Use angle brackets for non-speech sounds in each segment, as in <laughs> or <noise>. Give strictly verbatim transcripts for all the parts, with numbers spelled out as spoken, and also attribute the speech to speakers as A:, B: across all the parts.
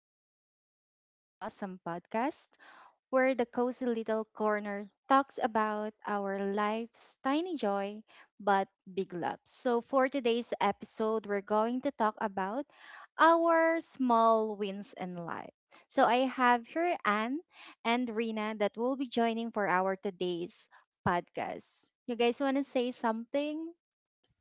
A: Welcome back to our awesome podcast where the cozy little corner talks about our life's tiny joy but big loves. So, for today's episode, we're going to talk about our small wins in life. So, I have here Anne and Rina that will be joining for our today's podcast. You guys want to say something?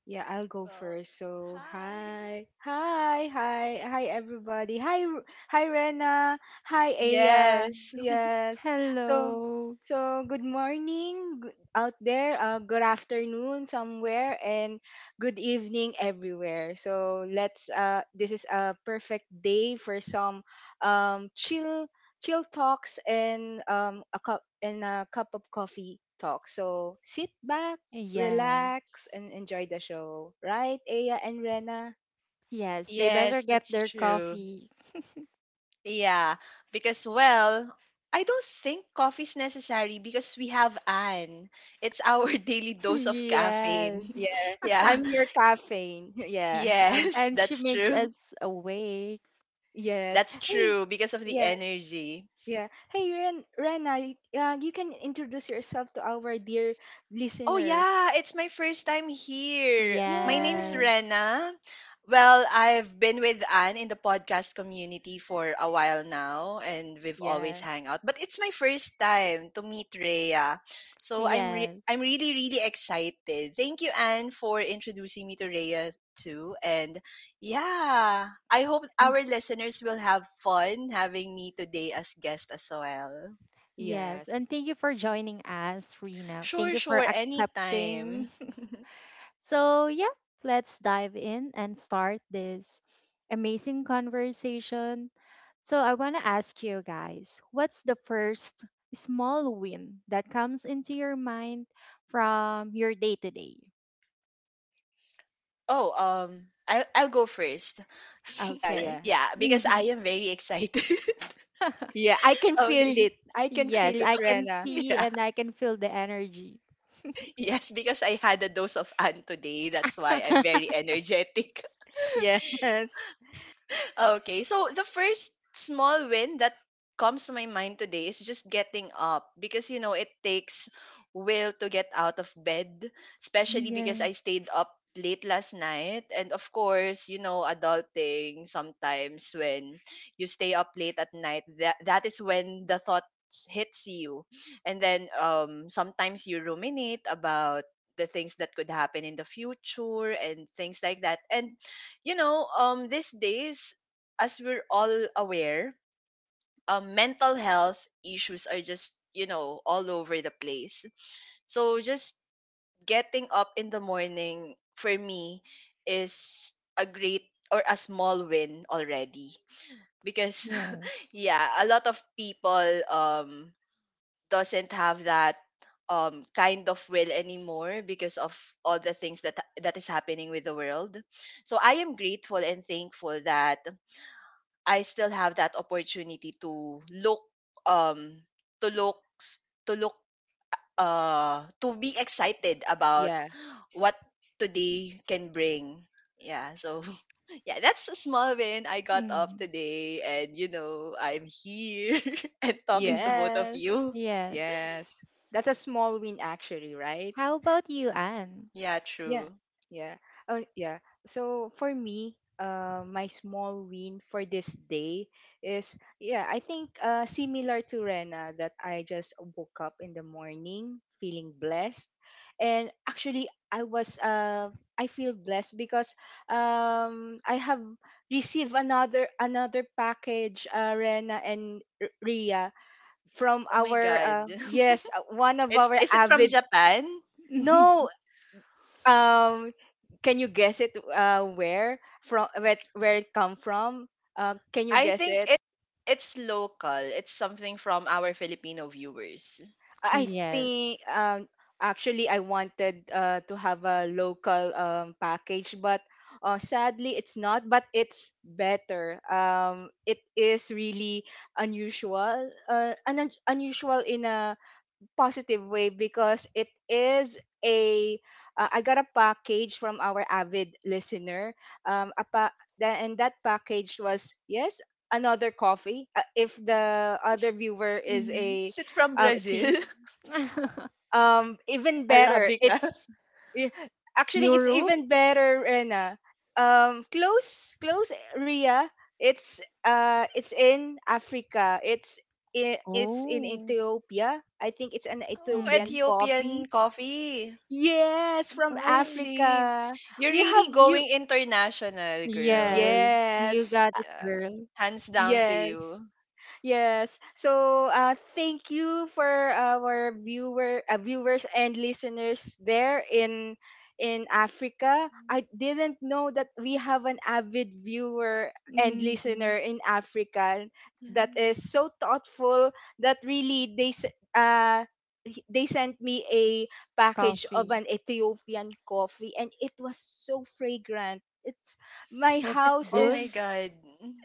B: Yeah, I'll go
C: Well,
B: first. So,
C: hi.
B: hi,
C: <laughs>
B: hi, hi, hi, everybody. Hi, R- hi, Rena. Hi, Aya.
C: Yes.
B: Yes. So,
A: Hello.
B: so good morning good, out there. Uh, good afternoon somewhere, and good evening everywhere. So let's. Uh, this is a perfect day for some um chill, chill talks and um a cup and a cup of coffee talk. So sit back
A: Yes.
B: relax, and enjoy the show. Right, Aya and Rena?
A: Yes, they better
C: Yes,
A: get
C: that's
A: their
C: true.
A: coffee.
C: Yeah, because well, I don't think coffee is necessary because we have Anne. It's our <laughs> daily
A: <laughs>
C: dose of caffeine.
A: Yes.
B: Yeah.
C: <laughs> Yeah.
B: I'm your caffeine. <laughs> Yeah, I'm.
C: Yes,
A: And she
C: that's
A: makes
C: true.
A: us awake.
B: Yes.
C: That's
B: Hey.
C: true because of the
B: Yeah,
C: energy.
B: yeah. Hey, Ren, Rena, you, uh, you can introduce yourself to our dear
C: Oh
B: listeners.
C: yeah, it's my first time here. My name's
B: Yes.
A: Yes.
C: Rena. Well, I've been with Anne in the podcast community for a while now and we've always
B: Yeah.
C: hang out. But it's my first time to meet Rhea. So I'm re- I'm
A: Yes.
C: really really excited. Thank you, Anne, for introducing me to Rhea too. And yeah, I hope
A: And
C: our listeners will have fun having me today as guest as well.
A: yes.
B: Yes.
A: And thank you for joining us, Rena. Thank
C: Sure,
A: you for
C: sure, anytime.
A: accepting. <laughs> So, yeah, let's dive in and start this amazing conversation. So, I want to ask you guys what's the first small win that comes into your mind from your day to day?
C: Oh, um, I'll I'll go first. <laughs>
B: Yeah,
A: Okay.
B: yeah.
C: Yeah, because I
A: Hmm.
C: am very excited.
A: <laughs>
B: <laughs> Yeah, I can
C: <laughs>
B: feel
C: Okay.
B: it. I can feel
A: Yes,
B: it,
A: I can
B: Rena.
A: see
C: Yeah.
A: and I can feel the energy.
C: Yes, because I had a dose of Anne today. That's why I'm
A: <laughs>
C: very
B: <laughs>
C: energetic.
B: Yes.
C: Okay, so the first small win that comes to my mind today is just getting up because you know it takes will to get out of bed, especially because I stayed
A: Yes.
C: up late last night. And of course you know adulting, sometimes when you stay up late at night, that that is when the thoughts hits you. And then um sometimes you ruminate about the things that could happen in the future and things like that. And you know, um, these days, as we're all aware, um, mental health issues are just, you know, all over the place. So just getting up in the morning for me is a great or a small win already, because <laughs>
A: Yes.
C: yeah, a lot of people um doesn't have that um kind of will anymore because of all the things that that is happening with the world. So I am grateful and thankful that I still have that opportunity to look, um to look s- to look uh to be excited about
B: Yeah.
C: what today can bring. Yeah, so <laughs> yeah, that's a small win. I got up
A: Mhm.
C: today and, you know, I'm here <laughs> and talking to
A: Mhm.
C: both of
B: Yes.
C: you.
A: Yes.
B: Yes. That's a small win, actually, right?
A: How about you, Anne?
C: Yeah,
B: Yeah,
C: true.
B: yeah. Oh, yeah. So for me, uh, my small win for this day is yeah. I think uh, similar to Rena that I just woke up in the morning feeling blessed, and actually I was uh I feel blessed because um I have received another another package, uh, Rena and R- Ria, from
C: Oh my
B: our
C: god.
B: uh, yes uh, one
C: <laughs>
B: of
C: it's
B: our
C: is it from
B: avid
C: Japan?
B: no
A: <laughs>
B: um can you guess it uh where from where, where it come from, uh can you
C: I
B: guess
C: think
B: it?
C: it it's local. It's something from our Filipino viewers.
B: I think
A: Yes.
B: um Actually, I wanted uh to have a local um package, but uh, sadly it's not, but it's better. Um it is really unusual uh un- unusual in a positive way because it is a uh, I got a package from our avid listener. Um, a pa- tha- and that package was, yes, another coffee. Uh, if the other viewer is
A: Mhm.
B: a
C: Is it from
B: um,
C: Brazil?
B: tea,
C: <laughs>
A: <laughs>
B: um Even better,
C: Arabica. <laughs>
B: it's y- actually it's
A: Europe?
B: even better, Rena. Um close, close, Ria. It's uh it's in Africa. It's i- it's in
A: Oh.
B: Ethiopia. I think it's an
C: Oh,
B: Ethiopian
A: Hmm.
C: Ethiopian
B: coffee.
C: coffee.
B: Yes, from
C: I
A: Oh.
C: see.
B: Africa.
C: You're
B: We
C: really
B: have you
C: going international, girl.
A: Yes, you
B: Yes,
A: got it,
C: Yeah.
A: girl.
C: Hands down to
B: yes.
C: you.
B: Yes. So, uh, thank you for our viewer, uh, viewers and listeners there in in Africa. I didn't know that we have an avid viewer and listener
A: Hmm.
B: in Africa.
C: Yeah.
B: That is so thoughtful that really they s- uh he- they sent me a package of
A: Coffee.
B: an Ethiopian coffee, and it was so fragrant. It's my
A: Was it
B: house
C: Oh
A: good?
C: my
B: is
C: God.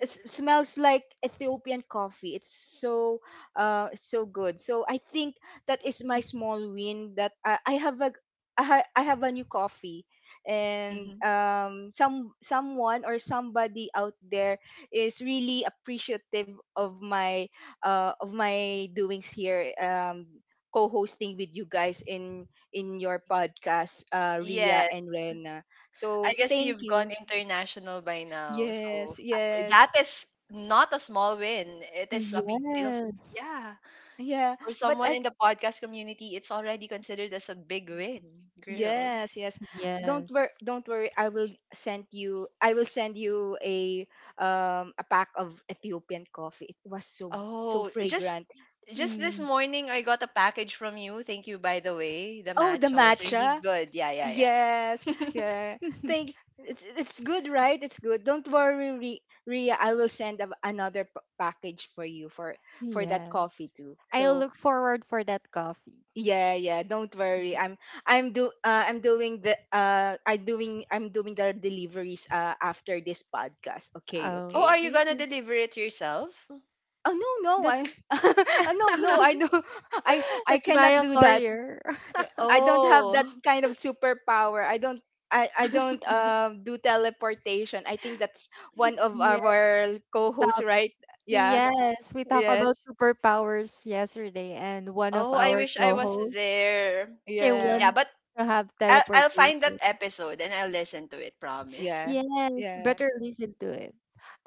B: s- smells like Ethiopian coffee. It's so uh so good. So I think that is my small win, that I, I have a, I, ha- I have a new coffee, and
C: Mhm.
B: um some someone or somebody out there is really appreciative of my uh of my doings here, um co-hosting with you guys in in your podcast, uh Ria
C: Yeah,
B: and Rena.
C: I
B: So
C: guess
B: thank
C: you've gone
B: you.
C: international by now. So,
B: Yes,
C: uh, that
B: yes.
C: is not a small win. It is a big deal. f-
A: Yes.
C: Yeah.
B: Yeah,
C: For
B: but
C: someone
B: I
C: in the podcast community, it's already considered as a big win, girl.
B: yes, yes. Don't worry,
A: Yes.
B: don't worry. I will send you I will send you a um a pack of Ethiopian coffee. It was so so
C: Oh, just
B: fragrant.
C: just this
A: Mm.
C: morning I got a package from you. Thank you, by the way. The
B: Oh, the
C: matcha was really
B: matcha.
C: good. Yeah, yeah, yeah.
B: Yes. Yeah.
A: <laughs>
B: Think it's it's good, right? It's good. Don't worry, Ri- Ria. I will send a, another p- package for you for for that
A: Yes.
B: coffee too.
A: I'll
B: So
A: look forward for that coffee.
B: yeah, yeah. Don't
C: <laughs>
B: worry. I'm I'm do uh, I'm doing the uh I doing I'm doing the deliveries uh after this podcast. Okay,
C: Oh,
B: okay.
C: are you
A: Okay.
C: gonna deliver it yourself?
B: Oh no, no. I
A: That's
B: <laughs> uh, no, no. I
C: <laughs>
B: do <laughs> I
A: <laughs>
B: I
A: it's
B: cannot
A: via
B: do that.
A: courier. <laughs>
B: I don't have that
C: Oh.
B: kind of superpower. I don't I, I don't
C: <laughs>
B: um do teleportation. I think that's one of
A: Yes.
B: our co-hosts,
A: Top.
B: right? Yeah.
A: Yes, we talked about
B: Yes.
A: superpowers yesterday, and one of
C: Oh, I
A: our
C: wish I was
A: co-hosts,
C: there.
A: she
B: Yeah.
C: Yeah,
A: wants
C: but
A: to have
C: I'll, I'll find that
A: teleportation.
C: episode and I'll listen to it, promise.
B: Yeah.
A: Yes, you
B: Yeah.
C: Mhm.
A: better listen to it.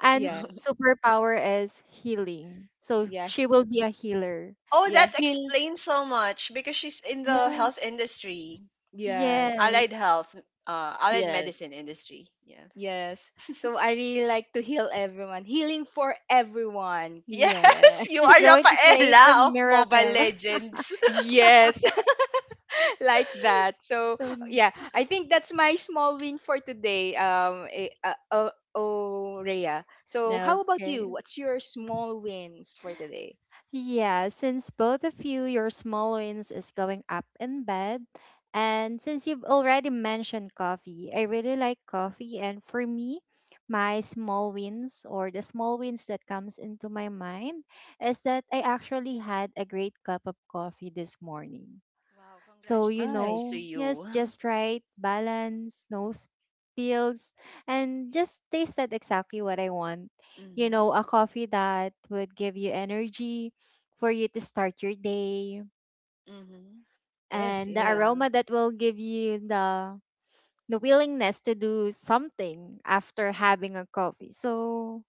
A: Anne's
B: Yeah.
C: <laughs>
A: superpower is healing, so
B: Yeah.
A: she will be a healer.
C: Oh,
B: Yeah.
C: that
B: He'll
C: explains so much because she's in the
A: Yes,
C: health industry,
B: yes.
A: yes,
C: allied health, uh, allied medicine
B: Yes.
C: industry. Yeah.
B: Yes. So I really like to heal everyone. Healing for everyone.
A: yes.
B: Yes.
C: Yes, <laughs> you
A: She's
C: are
A: going
B: <laughs>
A: to create a
C: Rafaela of Mobile
A: miracle.
C: Legends.
B: Yes. <laughs> Like that.
A: <laughs>
B: So
A: So
B: yeah, I think that's my small win for today. Um eh, uh, oh, oh, Rhea. So how about you?
A: Okay.
B: What's your small wins for today?
A: Yeah, since both of you, your small wins is going up in bed. And since you've already mentioned coffee, I really like coffee. And for me, my small wins or the small wins that comes into my mind is that I actually had a great cup of coffee this morning.
C: Wow,
A: So, you
C: congratulations to
B: Nice.
A: know, yes,
C: you. <laughs>
A: just right, balance, no spills, and just tasted exactly what I want. You
C: Mm-hmm.
A: know, a coffee that would give you energy for you to start your day,
C: Mm-hmm.
B: Yes,
A: and the
B: yes.
C: Yeah,
A: aroma that will give you the the willingness to do something after having a coffee. So,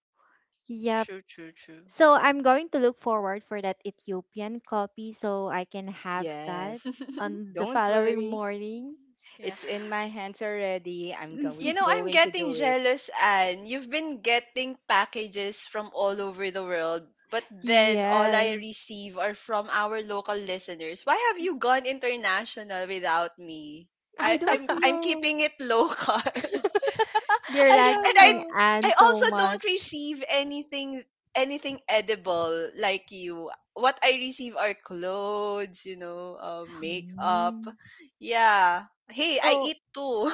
A: yep.
C: true, true, true.
A: So I'm going to look forward for that Ethiopian coffee so I can have that
B: Yes.
C: <laughs>
A: on the
B: Don't
A: following
B: worry.
A: mornings.
C: Yeah.
B: It's in my hands already. I'm going
C: You know,
A: <laughs>
C: I'm
B: going to
C: getting
B: do it.
C: jealous, Anne. You've been getting packages from all over the world, but then all I
A: Yes.
C: receive are from our local listeners. Why have you gone international without me?
B: I
C: I,
B: don't
C: I'm
A: <laughs>
C: I'm
B: know.
C: keeping it <laughs> local.
B: <laughs>
A: They're
B: I don't
C: And I
A: liking
B: know.
C: I
A: Anne
C: also
A: so
C: don't
A: much.
C: receive anything anything edible like you. What I receive are clothes, you know, uh, makeup.
A: Mm.
C: Yeah. Hey, I
B: Oh,
C: eat too.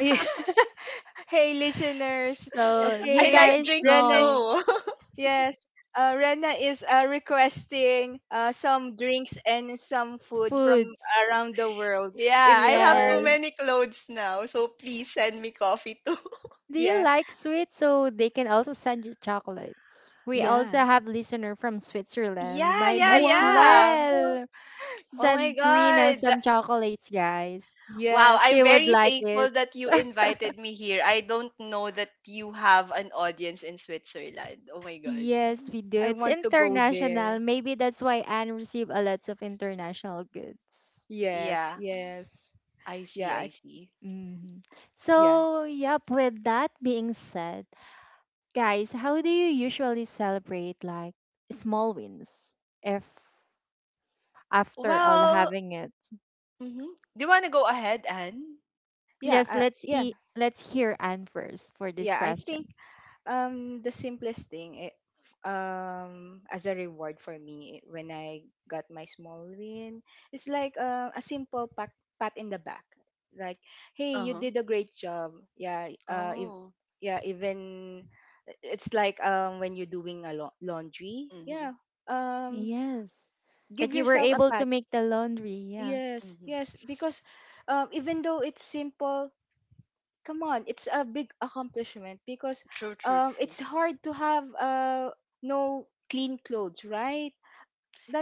B: <laughs> yeah. Hey listeners.
A: So
C: <laughs>
A: you
C: I
B: Okay,
C: like
B: Re-
A: guys
C: drinks
B: Rena.
A: know
C: too. <laughs>
B: Yes, uh, Rena is uh, requesting uh, some drinks and some food from
A: foods.
B: around the world.
C: Yeah,
B: If
C: I
B: you
C: have too
B: are,
A: Yes.
C: many clothes now. So please send me coffee too. <laughs>
A: Do you
B: yeah,
A: like sweets? So they can also send you chocolates. We also
B: yeah.
A: have listener from Switzerland.
C: Yeah,
A: Might
C: yeah,
A: as
B: Wow.
C: yeah.
A: well
C: Oh my
A: send Rina
C: god.
A: some chocolates, guys.
C: Wow,
B: Yes,
C: I'm
A: She would
C: very
A: like
C: thankful
A: it.
C: that you invited me here. I don't know that you have an audience in Switzerland. Oh my God.
A: Yes, we do.
B: I
A: It's
B: want to go
A: international.
B: there.
A: Maybe that's why Anne received a lot of international goods.
B: Yes,
C: Yeah,
B: yes.
C: I see,
B: Yeah,
C: I
B: I,
C: see.
A: hmm
B: yeah.
A: So, yep, with that being said, guys, how do you usually celebrate like small wins if after all
C: Well,
A: having it?
C: hmm do you want to go ahead, Anne?
B: Yeah,
A: Yes,
B: uh,
A: let's
B: yeah,
A: e let's hear Anne first for this
B: yeah. I think
A: question.
B: Um, the simplest thing, it, um, as a reward for me when I got my small win, it's like uh, a simple pat, pat in the back. Like, hey, you
C: Uh-huh.
B: did a great job. Yeah, uh, if,
C: Oh.
B: yeah, even it's like um when you're doing a lau- laundry.
C: Mm-hmm.
B: Yeah, um,
A: Yes.
B: give
A: That you were
B: yourself a
A: able to
B: pat.
A: make the laundry, yeah.
B: Yes,
C: Mm-hmm.
B: yes, because um, even though it's simple, come on, it's a big accomplishment because
C: True, true,
B: um
C: true.
B: it's hard to have uh no clean clothes, right?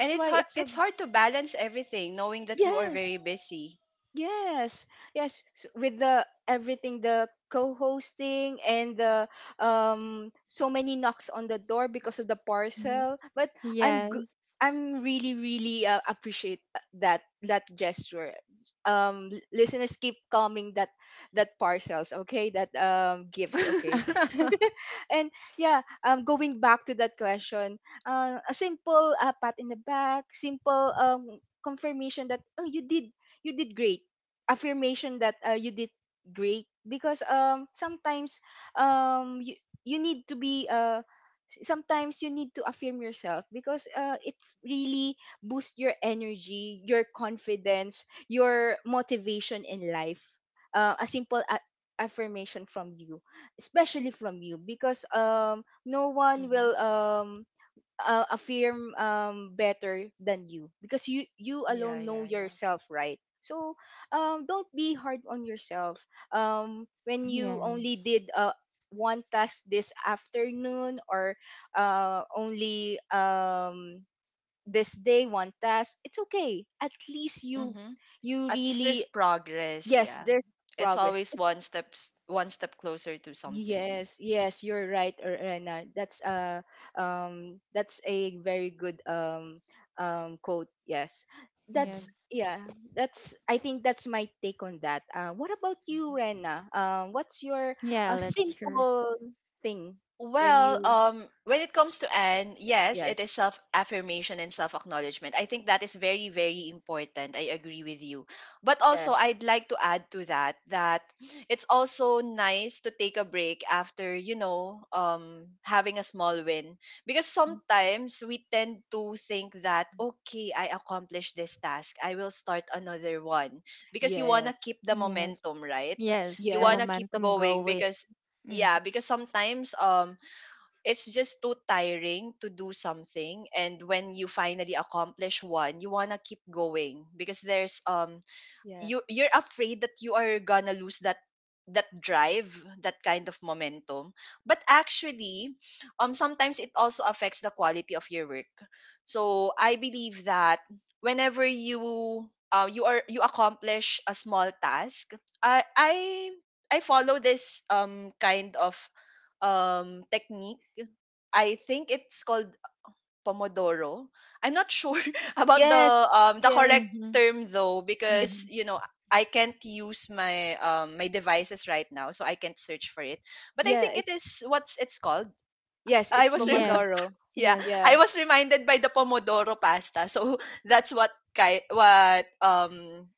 C: And it
B: why
C: har-
B: it's a
C: it's hard to balance everything knowing that you are
B: yes.
C: very busy.
B: Yes, yes, s- with the everything, the co-hosting and the um so many knocks on the door because of the
A: Mhm.
B: parcel. But I'm
A: Yes.
B: g- I'm really really uh, appreciate uh, that that gesture. Um, l- listeners, keep calming that that parcels, okay? That um gifts, okay?
C: <laughs>
B: <laughs>
A: <laughs>
B: And yeah, um, going back to that question, uh, a simple uh, pat in the back, simple um confirmation that oh, you did you did great, affirmation that uh, you did great, because um sometimes um you, you need to be uh s- sometimes you need to affirm yourself because uh, it really boosts your energy, your confidence, your motivation in life. Uh, a simple a- affirmation from you, especially from you, because um no one
C: Mm-hmm.
B: will um uh, affirm um better than you, because you you
C: Yeah,
B: alone know
C: yeah, yeah.
B: yourself, right? So um don't be hard on yourself um when you only
A: Yes.
B: did uh one task this afternoon, or uh only um this day one task, it's okay. At least you
C: Mm-hmm.
B: you
C: At least
B: really
C: there's progress.
B: yes
C: Yeah,
B: there's
C: it's
B: progress.
C: always
B: It's
C: one steps one step closer to something.
B: yes, yes, you're right, Re- Rena. That's a um that's a very good um um quote. Yes. That's
C: Mm-hmm.
A: Yes.
B: yeah, that's I think that's my take on that. Uh what about you,
C: Mm-hmm.
B: Rena? Um what's your
A: Yeah,
B: uh,
A: let's here's,
B: simple thing when
C: Well,
B: you
C: um, when it comes to Anne, yes,
B: yes.
C: it is self affirmation and self acknowledgement. I think that is very, very important. I agree with you. But
B: Yeah.
C: also, I'd like to add to that that it's also nice to take a break after, you know, um, having a small win. Because sometimes we tend to think that, okay, I accomplished this task, I will start another one. Because you want to
B: Yes.
C: keep the
A: yes.
C: momentum, right?
A: Yes,
C: You
A: the
C: want to
B: Yes.
C: keep
A: momentum
C: going
A: going.
C: because,
A: Mm.
C: yeah, because sometimes um it's just too tiring to do something. And when you finally accomplish one, you want to keep going because there's, um
B: Yeah.
C: you you're afraid that you are gonna lose that that drive, that kind of momentum. But actually, um sometimes it also affects the quality of your work. So I believe that whenever you uh, you are you accomplish a small task, i i i follow this um kind of um technique. I think it's called pomodoro. I'm not sure <laughs> about the,
B: Yes.
C: um the correct
B: Yes.
A: Mm-hmm.
C: term though,
B: It's
C: because
A: Mm-hmm.
C: you know I can't use my, um my devices right now, so I can't search for it. But I
B: yeah,
C: think it
B: it's
C: is what's it's called.
B: Yes,
C: I
B: it's
C: was rem-
A: Yes.
B: Pomodoro.
C: <laughs> yeah,
A: Yes.
B: Yeah.
C: I was reminded by the pomodoro pasta. So <laughs> that's what ki- what um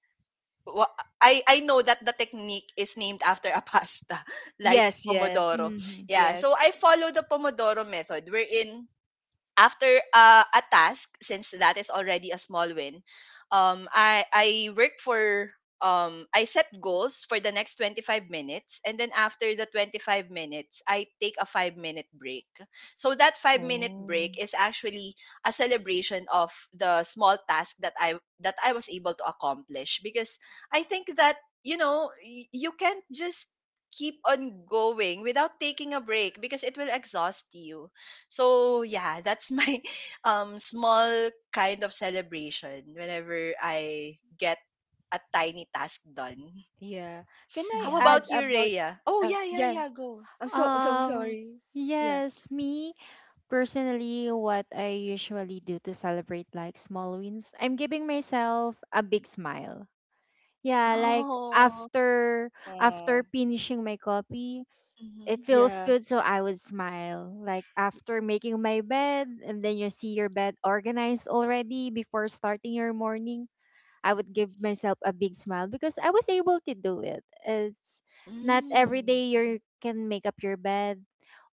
C: what, I I know that the technique is named after a pasta <laughs> like
B: Yes, yes.
C: pomodoro.
A: Mm-hmm.
C: Yeah, so
B: Yes.
C: I follow the Pomodoro method wherein after, uh, a task, since that is already a small win, um i i work for um I set goals for the next twenty-five minutes, and then after the twenty-five minutes I take a five minute break. So that five minute break
A: Oh.
C: is actually a celebration of the small task that i that I was able to accomplish, because I think that, you know, y- you can't just keep on going without taking a break because it will exhaust you. So yeah, that's my <laughs> um small kind of celebration whenever I get a tiny task done.
B: Yeah. Can I
C: How
B: add
A: Mhm.
C: about you,
B: about
C: Rhea? Oh
B: uh,
C: yeah, yeah,
B: yeah.
C: yeah, go.
B: I'm so so
A: Um,
B: sorry. Yeah.
A: yes, me personally, what I usually do to celebrate like small wins, I'm giving myself a big smile. Yeah, like
C: Oh.
A: after after
B: Oh,
A: finishing my copy, it
C: Mm-hmm.
A: feels
B: yeah.
A: good. So I would smile, like, after making my bed, and then you see your bed organized already before starting your morning. I would give myself a big smile because I was able to do it. It's not every
C: Mm.
A: day
C: Mhm.
A: you can make up your bed,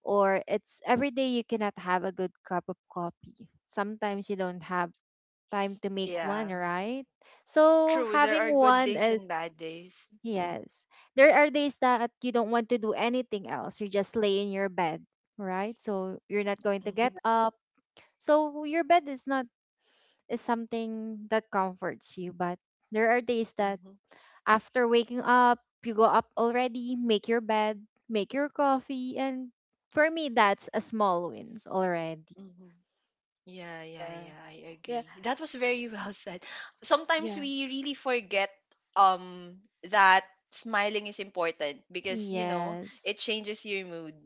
A: or it's every day you cannot have a good cup of coffee. Sometimes you don't have time to make one,
C: Yeah,
A: right? So
C: true. There
A: having
C: are good
A: one
C: days
A: is
C: and bad days.
A: Yes. There are days that you don't want to do anything else. You just lay in your bed, right? So you're not going
B: y-
A: to
C: Mm-hmm.
A: get
B: Yeah.
A: up. So your bed is not is something that comforts you, but there are days that
C: Mm-hmm.
A: after waking up, you go up already, make your bed, make your coffee, and for me that's a small wins already.
C: Mm-hmm. Yeah, yeah,
B: Yeah.
C: yeah. I agree. That was very <laughs> well said. Sometimes
B: Yeah.
C: we really forget um that smiling is important because, you know, it
A: Yes.
C: changes your mood.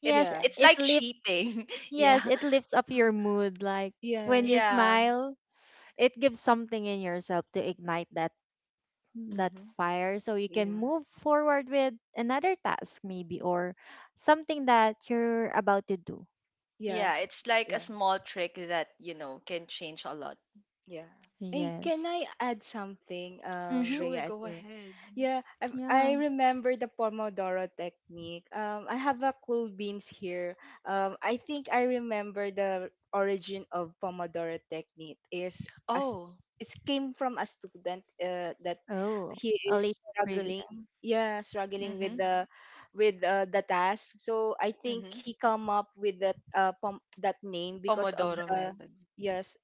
A: Yes,
C: It's
B: Yeah.
C: it's
A: it
C: like
A: lift
C: cheating. <laughs> Yeah.
A: yes, it lifts up your mood, like, when
B: Yeah.
A: you
C: Yeah.
A: smile, it gives something in yourself to ignite that that
C: hmm
A: fire so you
B: Yeah.
A: can
B: Yeah.
A: move forward with another task, maybe, or something that you're about to do.
B: Yeah.
C: Yeah, it's like a
B: Yeah.
C: small trick that, you know, can change a lot.
B: Yeah. Hey, can
A: Yes.
B: I add something, um,
A: Mm-hmm.
C: Sure,
B: Rhea? at
C: go
B: the re-
C: ahead.
B: Yeah, I I
A: Yeah.
B: remember the Pomodoro technique. Um, I have a cool beans here. Um, I think I remember the origin of Pomodoro technique is as
C: Oh.
B: it came from a student, uh, that
A: Oh,
B: he
A: a
B: is
A: little
B: struggling.
A: trivia.
B: Yeah, struggling
C: Mm-hmm.
B: with the with uh, the task. So I think
C: Mm-hmm.
B: he come up with that uh, pom- that name because of
C: Pomodoro
B: the
C: method.
B: yes,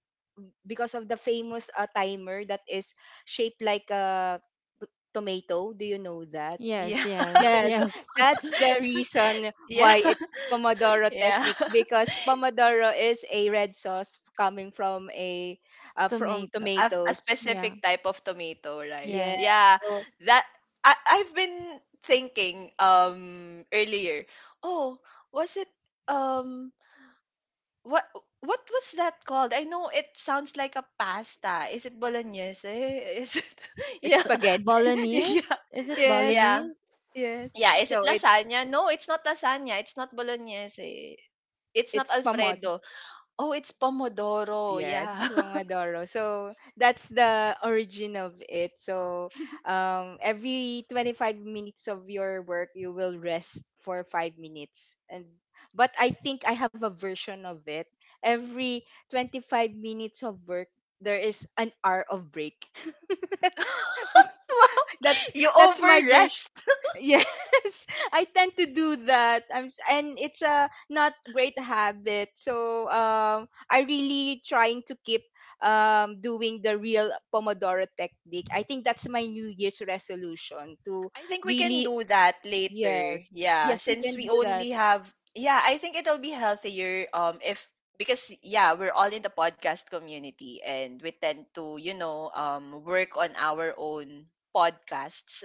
B: because of the famous uh, timer that is shaped like a p- tomato. Do you know that?
A: Yes,
C: Yeah.
A: yes,
C: <laughs>
B: Yes,
C: So
A: yes. <laughs>
B: that's the reason
C: <laughs> yeah.
B: why it's
C: <laughs>
B: Pomodoro
C: Yeah.
B: technique, because Pomodoro is a red sauce coming from a uh, from
A: Tomato.
C: a, a
B: tomatoes.
A: Yeah.
C: specific type of tomato, right?
B: Yeah,
A: Yes.
C: Yeah,
B: so
C: that I I've been thinking, um earlier. Oh, was it, um what, what was that called? I know it sounds like a pasta. Is it bolognese? Is it <laughs>
B: it's
C: yeah
B: spaghetti.
C: <laughs>
B: <laughs>
A: Bolognese?
C: yeah
A: Is it
B: Yes,
C: yeah
A: bolognese?
B: yes.
C: yeah? Is it
B: No, it
C: lasagna? No, it's not lasagna. It's not bolognese. It's not
B: It's pomodoro.
C: Alfredo. Oh, it's pomodoro.
B: Yeah,
C: Yeah.
B: it's
C: <laughs>
B: Pomodoro. So that's the origin of it. So um, every twenty-five minutes of your work, you will rest for five minutes. And but I think I have a version of it. Every twenty-five minutes of work, there is an hour of break. <laughs>
C: Wow.
B: that's
C: You
B: that's my
C: overread.
B: version. Yes, <laughs> I tend to do that. I'm s- and it's a not great habit. So um, I really trying to keep um doing the real Pomodoro technique. I think that's my New Year's resolution to
C: I think we can
B: really.
C: do that
B: Yeah,
C: later. Yeah,
B: yes, we
C: since
B: can
C: we
B: do that.
C: only have, yeah, I think it'll be healthier um if, because yeah, we're all in the podcast community and we tend to, you know, um work on our own podcasts.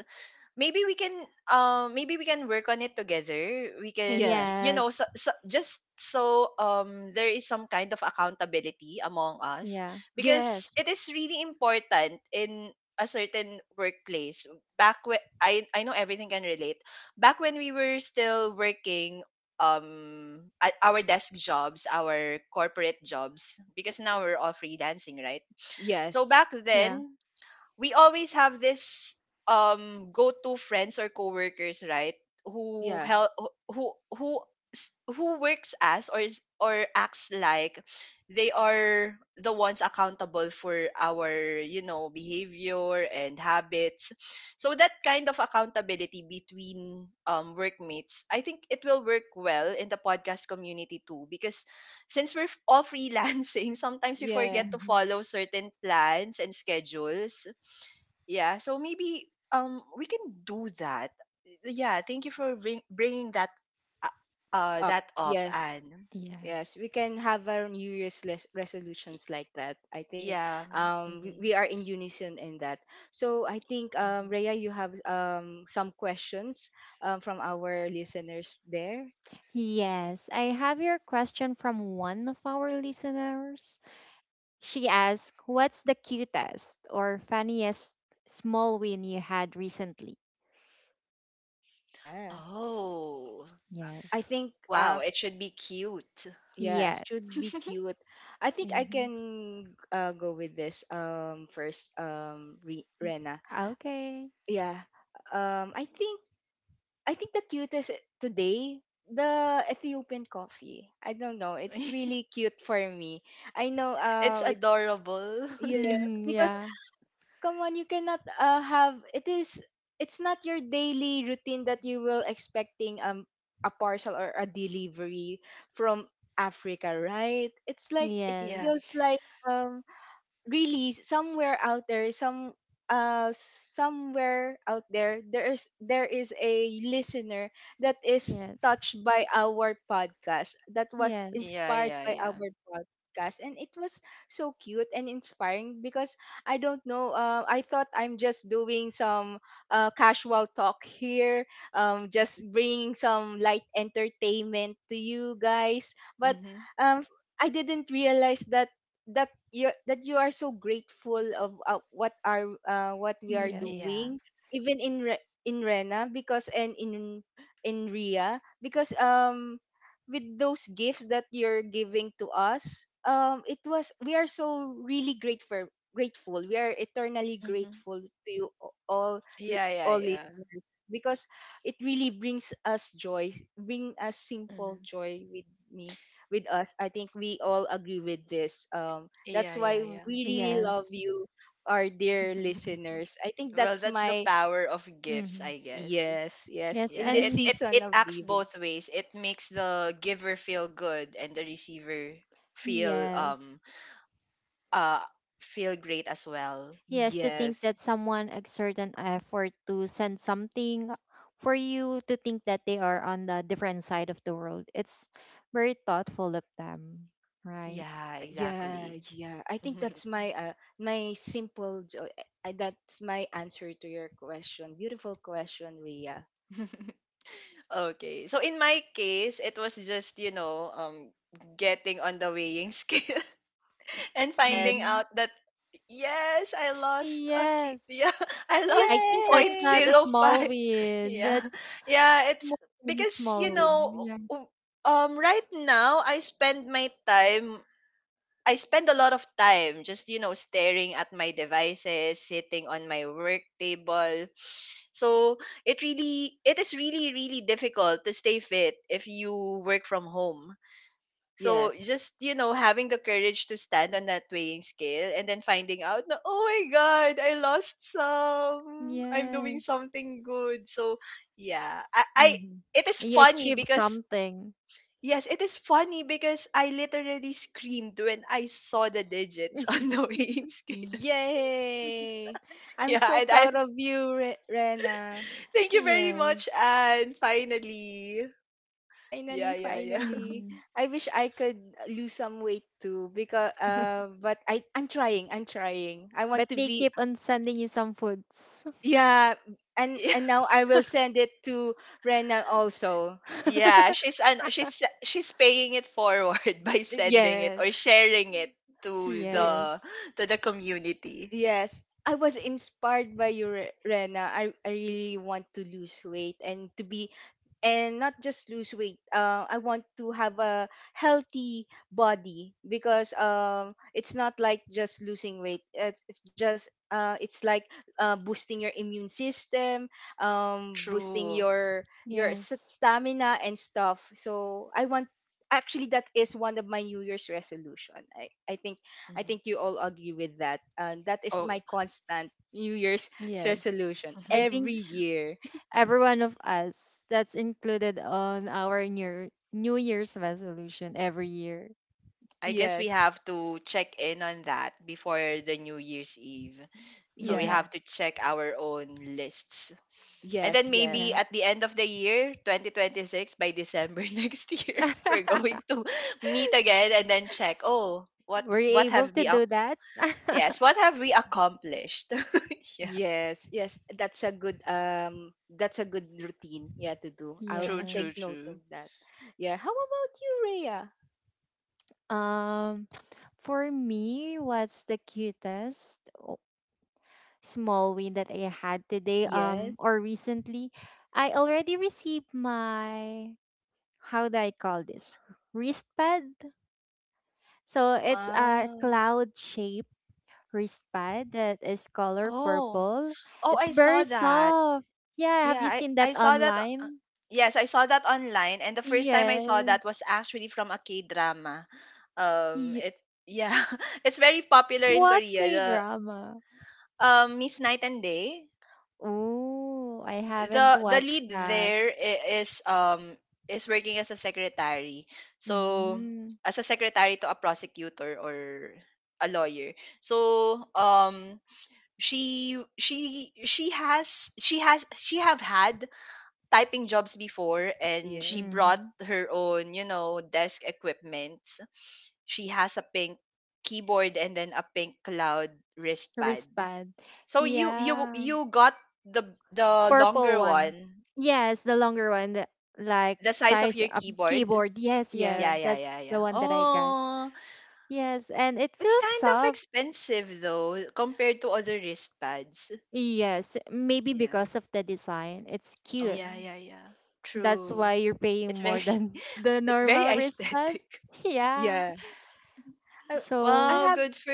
C: Maybe we can um maybe we can work on it together. We can,
B: Yeah,
C: y- you know,
A: Yes.
C: so, so, just so um there is some kind of accountability among us,
A: Yeah.
C: because
B: yes,
C: it is really important in a certain workplace. Back when I I know everything can relate, back when we were still working um at our desk jobs, our corporate jobs, because now we're all freelancing, right? So
B: yes,
C: back
A: yeah
C: then we always have this um go-to friends or coworkers, right? Who
B: yeah,
C: help who who s- Who works as, or is- or acts like, they are the ones accountable for our, you know, behavior and habits. So that kind of accountability between, um, workmates, I think it will work well in the podcast community too, because since we're, f- all freelancing, <laughs> sometimes we
B: yeah,
C: forget to
A: Mm-hmm.
C: follow certain plans and schedules. Yeah, so maybe um we can do that. Yeah, thank you for bring, bringing that uh, uh
B: up,
C: that up.
B: yes.
C: And
B: Yes,
A: Yes.
B: we can have our New Year's les- resolutions like that. I think
C: yeah.
B: um, we, we
C: hmm
B: are in unison in that. So I think, um,
C: hmm
B: Rhea, you have um, some questions um, from our listeners there.
A: Yes, I have your question from one of our listeners. She asked, "What's the cutest or funniest small win you had recently?"
B: Yeah.
C: Oh.
B: I
A: Yes.
B: think,
C: Wow,
B: uh,
C: it should be cute.
B: yeah, it should
A: Yes.
B: be
C: <laughs>
B: cute. I think I
A: Mm-hmm.
B: can uh, go with this um, first, um, Re- Rena.
A: Okay.
B: Yeah. Um, I think I think the cutest eh, today, the Ethiopian coffee. I don't know. It's really cute for me. I know
C: It's
B: uh it's
C: adorable.
B: Yes,
A: Mm-hmm.
B: because
A: Yeah.
B: come on, you cannot uh have it is it's not your daily routine that you will expecting um a parcel or a delivery from Africa, right? It's like it
C: <laughs> Yeah.
B: feels
A: Yes.
C: Yeah,
B: like um, really somewhere out there some uh somewhere out there there is there is a listener that is
A: Yes.
B: touched by our podcast, that was
C: yeah,
A: Yes.
B: inspired
C: yeah.
B: by
C: Yeah.
B: our podcast, and it was so cute and inspiring. Because I don't know, uh, I thought I'm just doing some uh, casual talk here, um just bringing some light entertainment to you guys. But
C: Mm-hmm.
B: um I didn't realize that that you that you are so grateful of uh, what are uh, what we are
A: Yes.
C: Yeah.
B: doing, even in Re- in Rena, because and in in Ria, because um with those gifts that you're giving to us, um it was, we are so really grateful, grateful. We are eternally
C: Mm-hmm.
B: grateful to you, a- all l-
C: Yeah, yeah,
B: all
C: yeah.
B: listeners, because it really brings us joy, bring us simple
C: Mm-hmm.
B: joy with me, with us. I think we all agree with this, um that's
C: Yeah,
B: why
C: yeah, yeah.
B: we really love
A: Yes.
B: you, our dear listeners. I
C: <laughs>
B: think
C: Well,
B: that's
C: that's the
B: my...
C: power of gifts,
A: Mm-hmm.
C: I guess.
B: Yes, yes.
A: Yes.
B: In
C: Yeah,
B: this
C: it
A: And
C: it
B: season
C: it
B: of
C: acts
B: living,
C: both ways. It makes the giver feel good and the receiver feel
A: yes.
C: um uh feel great as well.
A: Yes, to
C: Yeah.
A: think
B: yes,
A: that someone exert an effort to send something for you, to think that they are on the different side of the world. It's very thoughtful of them, right?
C: Yeah,
B: uh, yeah,
C: exactly.
B: yeah. I think that's
C: <laughs>
B: my uh, my simple joy. I, that's my answer to your question. Beautiful question, Ria.
C: Okay. So in my case, it was just, you know, um getting on the weighing <laughs> scale, and finding
B: Yes,
A: Mm-hmm.
C: out that, yes, I lost a okay,
A: Yes.
C: <laughs> yeah, I lost
A: I think
C: point
A: that's not
B: yay,
A: a
C: zero
A: small
C: five. <laughs>
A: win.
C: yeah
A: That's
C: yeah it's
A: more than a
C: because you
A: small
C: know
A: win. Yeah.
C: w- um right now I spend my time, i spend a lot of time just, you know, staring at my devices, sitting on my work table. So it really, it is really really difficult to stay fit if you work from home. So
B: yes,
C: just, you know, having the courage to stand on that weighing scale and then finding out na, oh my god, I lost some, I'm doing
A: Yes.
C: something good. So yeah, I, I
A: Mm-hmm.
C: it is
A: You
C: funny
A: achieve
C: because,
A: something.
C: yes, it is funny because I literally screamed when I saw the digits <laughs> on the
A: <laughs>
C: weighing scale.
B: yay. I'm
C: Yeah,
B: so
C: and I,
B: proud of you, Re- Rena.
C: thank you very
A: Yes.
C: much, and finally, yeah,
B: Finally,
C: yeah, yeah.
B: finally.
A: Mm-hmm.
B: I wish I could lose some weight too, because uh but I I'm trying. I'm trying. I
A: But
B: want to
A: they
B: be...
A: keep on sending you some foods. <laughs>
B: Yeah, and and
C: <laughs>
B: now I will send it to Rena also. <laughs>
C: Yeah, she's an she's she's paying it forward <laughs> by sending it or
B: Yes.
C: sharing it to
B: y-
C: the,
A: Yes.
C: to the community.
B: Yes. I was inspired by you, Re- Rena. I, I really want to lose weight and to be, and not just lose weight. Uh, I want to have a healthy body, because um, it's not like just losing weight. It's, it's just uh, it's like uh, boosting your immune system, um, boosting
C: True.
B: your your s-
A: Yes.
B: stamina and stuff. So I want, actually, that is one of my New Year's resolution. I, I think I
C: Mhm.
B: think you all agree with that. Uh, that is
C: Oh,
B: my constant New Year's <laughs>
A: Yes.
B: resolution
A: I
C: <laughs>
A: think
B: every year. <laughs>
A: every one of us that's included on our new New Year's resolution every year.
C: I guess we
B: Yes.
C: have to check in on that before the New Year's Eve. So we
A: hmm
B: Yeah.
C: have to check our own lists. And
B: Yes,
C: then maybe
B: yes.
C: at
A: Yes.
C: the end of the year, twenty twenty-six, by December <laughs> next year, we're going
A: <laughs>
C: to meet again and then check, oh, what
A: Were you
C: what
A: able
C: have
A: to
C: we,
A: do that?
C: yes,
A: <laughs>
C: what have we accomplished? <laughs> Yeah,
B: Yes, yes. That's a good um that's a good routine, yeah, to do. I'll
C: true,
B: I'll take
C: true,
A: Yes.
B: note of
C: true.
B: that. Yeah. How about you, Rhea?
A: Um, for me, what's the cutest o- small win that I had today, um,
B: Yes.
A: or recently? I already received my, how do I call this? Wrist pad? So it's a
B: Wow.
A: cloud shaped wristband that is color
C: Oh,
A: purple.
C: oh,
A: It's
C: I saw
A: very
C: that.
A: soft. Yeah, have
C: Yeah,
A: you
C: I,
A: seen that
C: I saw that. Uh,
A: online?
C: yes, I saw that online, and the first time I saw that
A: Yes.
C: was actually from a K drama. Um,
A: Ye-
C: it yeah, <laughs> it's very popular in
A: What
C: Korea.
A: K
C: The
A: drama?
C: um Miss Night and Day.
A: Oh, I haven't
C: The the
A: watched
C: lead
A: that.
C: there i- is um is working as a secretary. So
A: Mm.
C: as a secretary to a prosecutor or a lawyer. So um she she she has she has she have had typing jobs before, and she
B: Yes.
C: brought
A: Mm-hmm.
C: her own, you know, desk equipment. She has a pink keyboard and then a pink cloud wristpad.
A: Wristband.
C: So you you
A: Yeah.
C: you got the the
A: Purple
C: longer
A: one.
C: one,
A: Yes, the longer one, the, like,
C: the size of
A: size
C: your
A: of
C: keyboard.
A: keyboard. Yes,
C: Yeah,
B: Yeah.
A: yes.
C: yeah,
A: That's
C: yeah,
A: the
C: yeah.
A: one that I got.
C: Oh,
A: Yes, and it
C: it's
A: feels
C: kind of
A: soft.
C: expensive though compared to other wristpads.
A: Yes, maybe
C: Yeah,
A: because of the design. It's cute.
C: yeah,
B: Oh.
C: yeah, yeah.
A: That's
C: True.
A: why you're paying
C: It's
A: more
C: very
A: than <laughs> the
C: <laughs> it's very
A: normal wristband.
C: aesthetic. <laughs>
A: <laughs> Yeah.
B: Yeah. I I
A: So,
C: Wow,
B: have
C: good for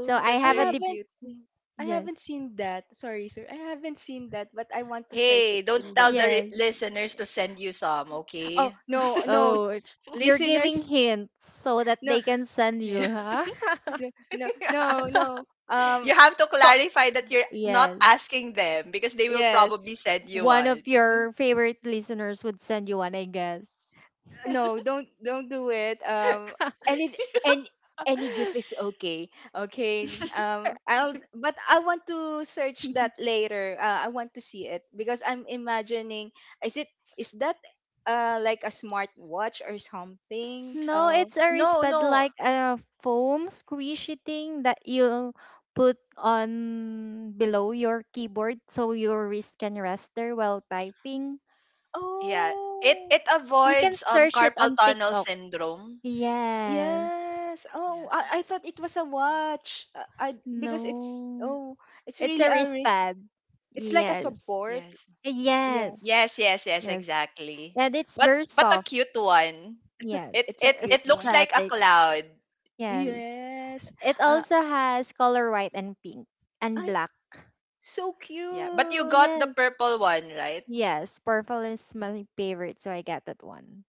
A: so I
C: That's
B: I
A: have a
C: very
A: dip.
B: haven't
C: cute.
B: seen, I haven't
A: Yes.
B: seen that. Sorry, sir. I haven't seen that, but I want to search
C: Hey,
B: it
C: don't
B: in
C: tell
B: the...
C: the re-
A: Yes.
C: listeners
A: Eh,
C: to send you some,
B: Oh,
C: okay?
B: no, no.
A: Oh, it's- you're giving
B: Listeners.
A: hints so that
B: <laughs> No,
A: they can send you,
C: Yeah.
A: huh? <laughs>
B: no, no, no, no.
C: <laughs>
B: Um
C: You have to
B: co-
C: clarify that you're not
A: Yes.
C: asking them because they will
B: yes.
C: probably send you
A: One
C: one.
A: of
C: <laughs>
A: your favorite listeners would send you one, I guess.
B: No, don't don't do it, um any, and any gift is
A: <laughs>
B: okay. Okay, um i'll but I want to search that later. uh, I want to see it because I'm imagining, is it, is that uh like a smart watch or something?
A: No,
B: Uh,
A: it's a
C: No,
A: wristband,
C: no.
A: like a foam squishy thing that you put on below your keyboard so your wrist can rest there while typing.
C: Yeah. It
B: oh,
C: it
A: You can
C: avoids um
A: search it
C: carpal
A: on
C: tunnel
A: TikTok.
C: syndrome.
A: Yes.
B: yes. Oh,
C: Yeah.
B: I, I thought it was a watch. Uh, I Because it's,
A: No.
B: oh, it's
A: It's
B: really
A: a
B: a wrist,
A: wristband.
B: it's like a
A: Yes.
B: support.
C: Yes.
B: Yeah,
A: Yes.
C: Yes, yes, yes,
A: Yes.
C: exactly.
A: And it's
C: But
A: very
C: but a
A: soft.
C: cute one.
B: it's a
A: Yes.
C: It
B: it's a
C: it
B: cute
C: it looks
B: one.
C: like a
A: Aesthetic.
C: cloud.
A: Yes.
B: Yes.
A: It
B: Uh,
A: also has color white and pink and
B: I
A: black.
B: so
C: Yeah, but you
B: cute.
C: got the
A: Yes.
C: purple one, right?
A: Yes, purple is my favorite, so I get that one.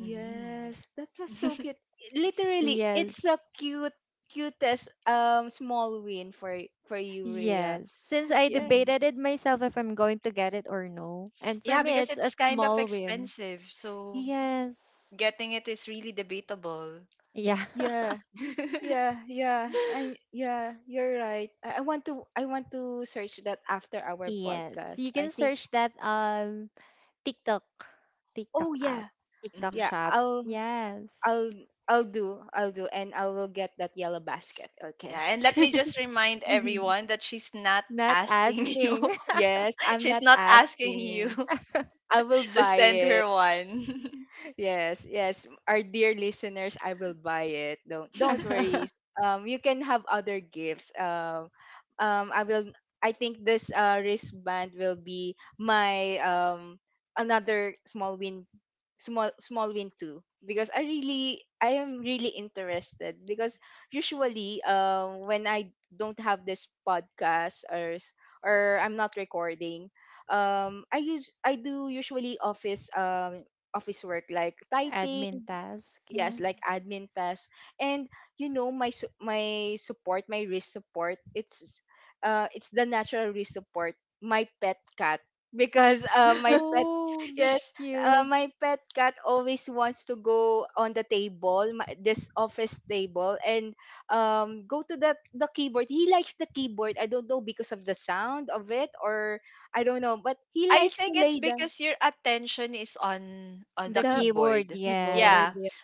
C: Mm.
B: that was so
C: <laughs>
B: cute. Literally, it's a
A: Yes.
B: cute, cutest um small win for for you, Rhea.
A: Yes. Since I
B: Yeah,
C: Mhm.
A: debated it myself if I'm going to get it or no. And for
C: Yeah,
A: me,
C: because
A: it's a
C: it's kind of
A: small win.
C: expensive, so
A: Yes.
C: getting it is really debatable.
A: Yeah.
B: yeah,
C: <laughs>
B: yeah, yeah. I
A: <laughs>
B: yeah, you're right. I, I want to, I want to search that after our
A: Yes.
B: podcast,
A: You
B: I
A: can
B: think.
A: search that um TikTok. TikTok
B: Oh
A: app.
B: yeah,
A: TikTok
C: Mhm.
B: yeah.
A: shop.
B: I'll
A: Yes.
B: I'll I'll do, I'll do, and I will get that yellow basket.
C: Yeah,
B: Okay.
C: and let
B: <laughs>
C: me just remind
A: <laughs>
C: everyone that she's not
A: Not
C: asking <laughs> you.
A: asking.
B: Yes, I'm
C: She's
B: not
C: not asking you
B: asking. I will
C: <laughs> to
B: buy
C: send
B: it.
C: her one.
B: Yes, yes. Our dear listeners, I will buy it. Don't don't
C: <laughs>
B: worry.
A: <laughs>
B: Um, you can have other gifts. Um, um, I will. I think this uh wristband will be my um another small win, small small win too. Because I really, I am really interested. Because usually, um, when I don't have this podcast or s- or I'm not recording, um, I use I do usually office um office work like typing.
A: Admin task,
B: Yes, like
A: yes.
B: admin tasks. And you know, my su- my support my risk support, it's uh it's the natural risk support, my pet cat. <laughs> Because uh my pet,
A: Oh, that's
B: yes. Uh,
A: cute.
B: my pet cat always wants to go on the table, my, this office table, and um go to the the keyboard. He likes the keyboard, I don't know, because of the sound of it or I don't know, but he
C: I
B: likes to
C: think it's
B: lay down
C: because your attention is on on the
A: The
B: the
A: keyword,
C: keyboard.
B: keyboard.
C: Yeah.
A: yes.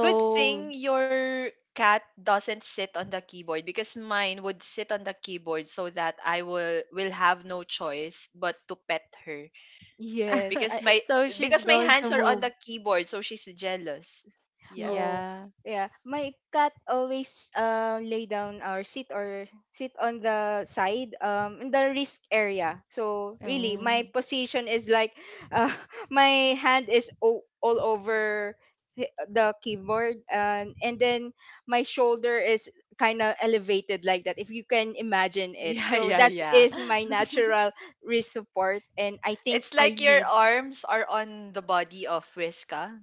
C: Good thing your cat doesn't sit on the keyboard, because mine would sit on the keyboard so that I will will have no choice but to pet her,
B: Yes,
C: because
B: I...
C: my,
A: <laughs> so she's
C: because my
A: going
C: hands
A: to
C: are on
A: move.
C: the keyboard so she's jealous. Yeah.
B: Oh
A: Yeah.
B: yeah. My cat always um lay down or sit, or sit on the side um in the risk area. So really, my
A: Oh.
C: Mhm. <laughs>
B: position is like <laughs> uh, my hand is o- all over hi- the keyboard, and and then my shoulder is kind of elevated like that, if you can imagine it.
C: Yeah,
B: So
C: yeah,
B: that
C: yeah.
B: is my natural wrist support, and I think
C: It's
B: I
C: like your
B: need...
C: arms are on the body of Whiska.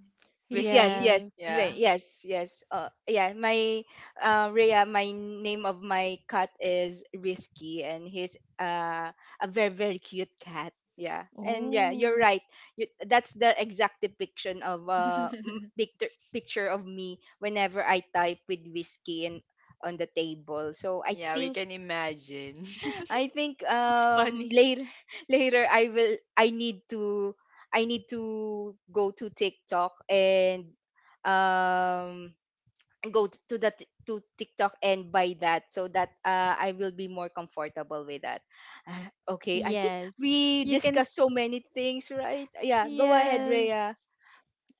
B: Y- yes
C: Whiskey.
B: yes
A: Yes.
B: ye-
C: Yeah.
B: yes yes, uh yeah, my, uh Rhea, my name of my cat is Risky, and he's uh a very very cute cat. Yeah, and yeah, you're
A: Oh.
B: right. You, that's the exact depiction of uh m-
C: <laughs>
B: picture picture of me whenever I type, with whiskey and on the table. So I
C: Yeah, we
B: think,
C: can imagine. <laughs>
B: I think
C: It's
B: um
C: funny.
B: later <laughs> later I will, I need to, I need to go to TikTok and um go t- to that, to TikTok, and buy that so that uh, I will be more comfortable with that. Ah, okay, I think
A: Yes.
B: we
A: You can.
B: discussed
A: s-
B: so many things, right? Yeah, go ahead,
A: Yes.
B: Rhea.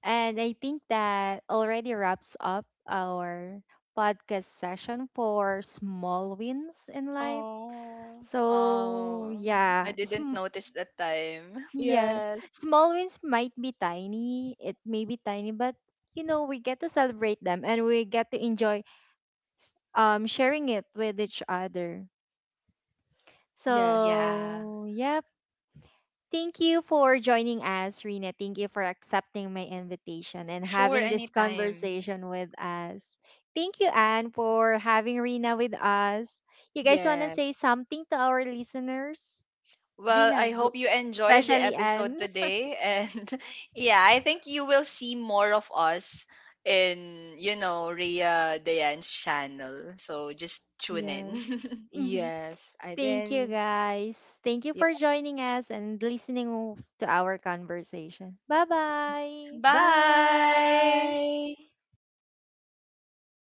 A: And I think that already wraps up our podcast session for small wins in life.
B: Oh,
A: So,
C: Oh, I
A: yeah,
C: didn't
A: sm
C: notice that time.
A: Yeah.
B: yes.
A: Small wins might be tiny. It may be tiny, but, you know, we get to celebrate them and we get to enjoy um sharing it with each other.
B: Yeah.
C: Yeah,
A: So, yep. Thank you for joining us, Rina. Thank you for accepting my invitation and
C: sure,
A: having this
C: anytime.
A: conversation with us. Thank you, Anne, for having Rina with us. You guys want to say
B: Yes.
A: something to our listeners,
C: Well,
B: Rina,
C: I
B: go.
C: hope you enjoyed the
A: especially
C: episode
A: Anne? <laughs>
C: today. And <laughs> yeah, I think you will see more of us in, you know, Rhea Dayan's channel. So just tune in.
A: Yes.
C: <laughs>
A: Mhm.
B: Yes. And
A: Thank you,
B: then...
A: guys. Thank you for joining us and listening to our conversation. Bye bye.
C: Bye.
B: Bye.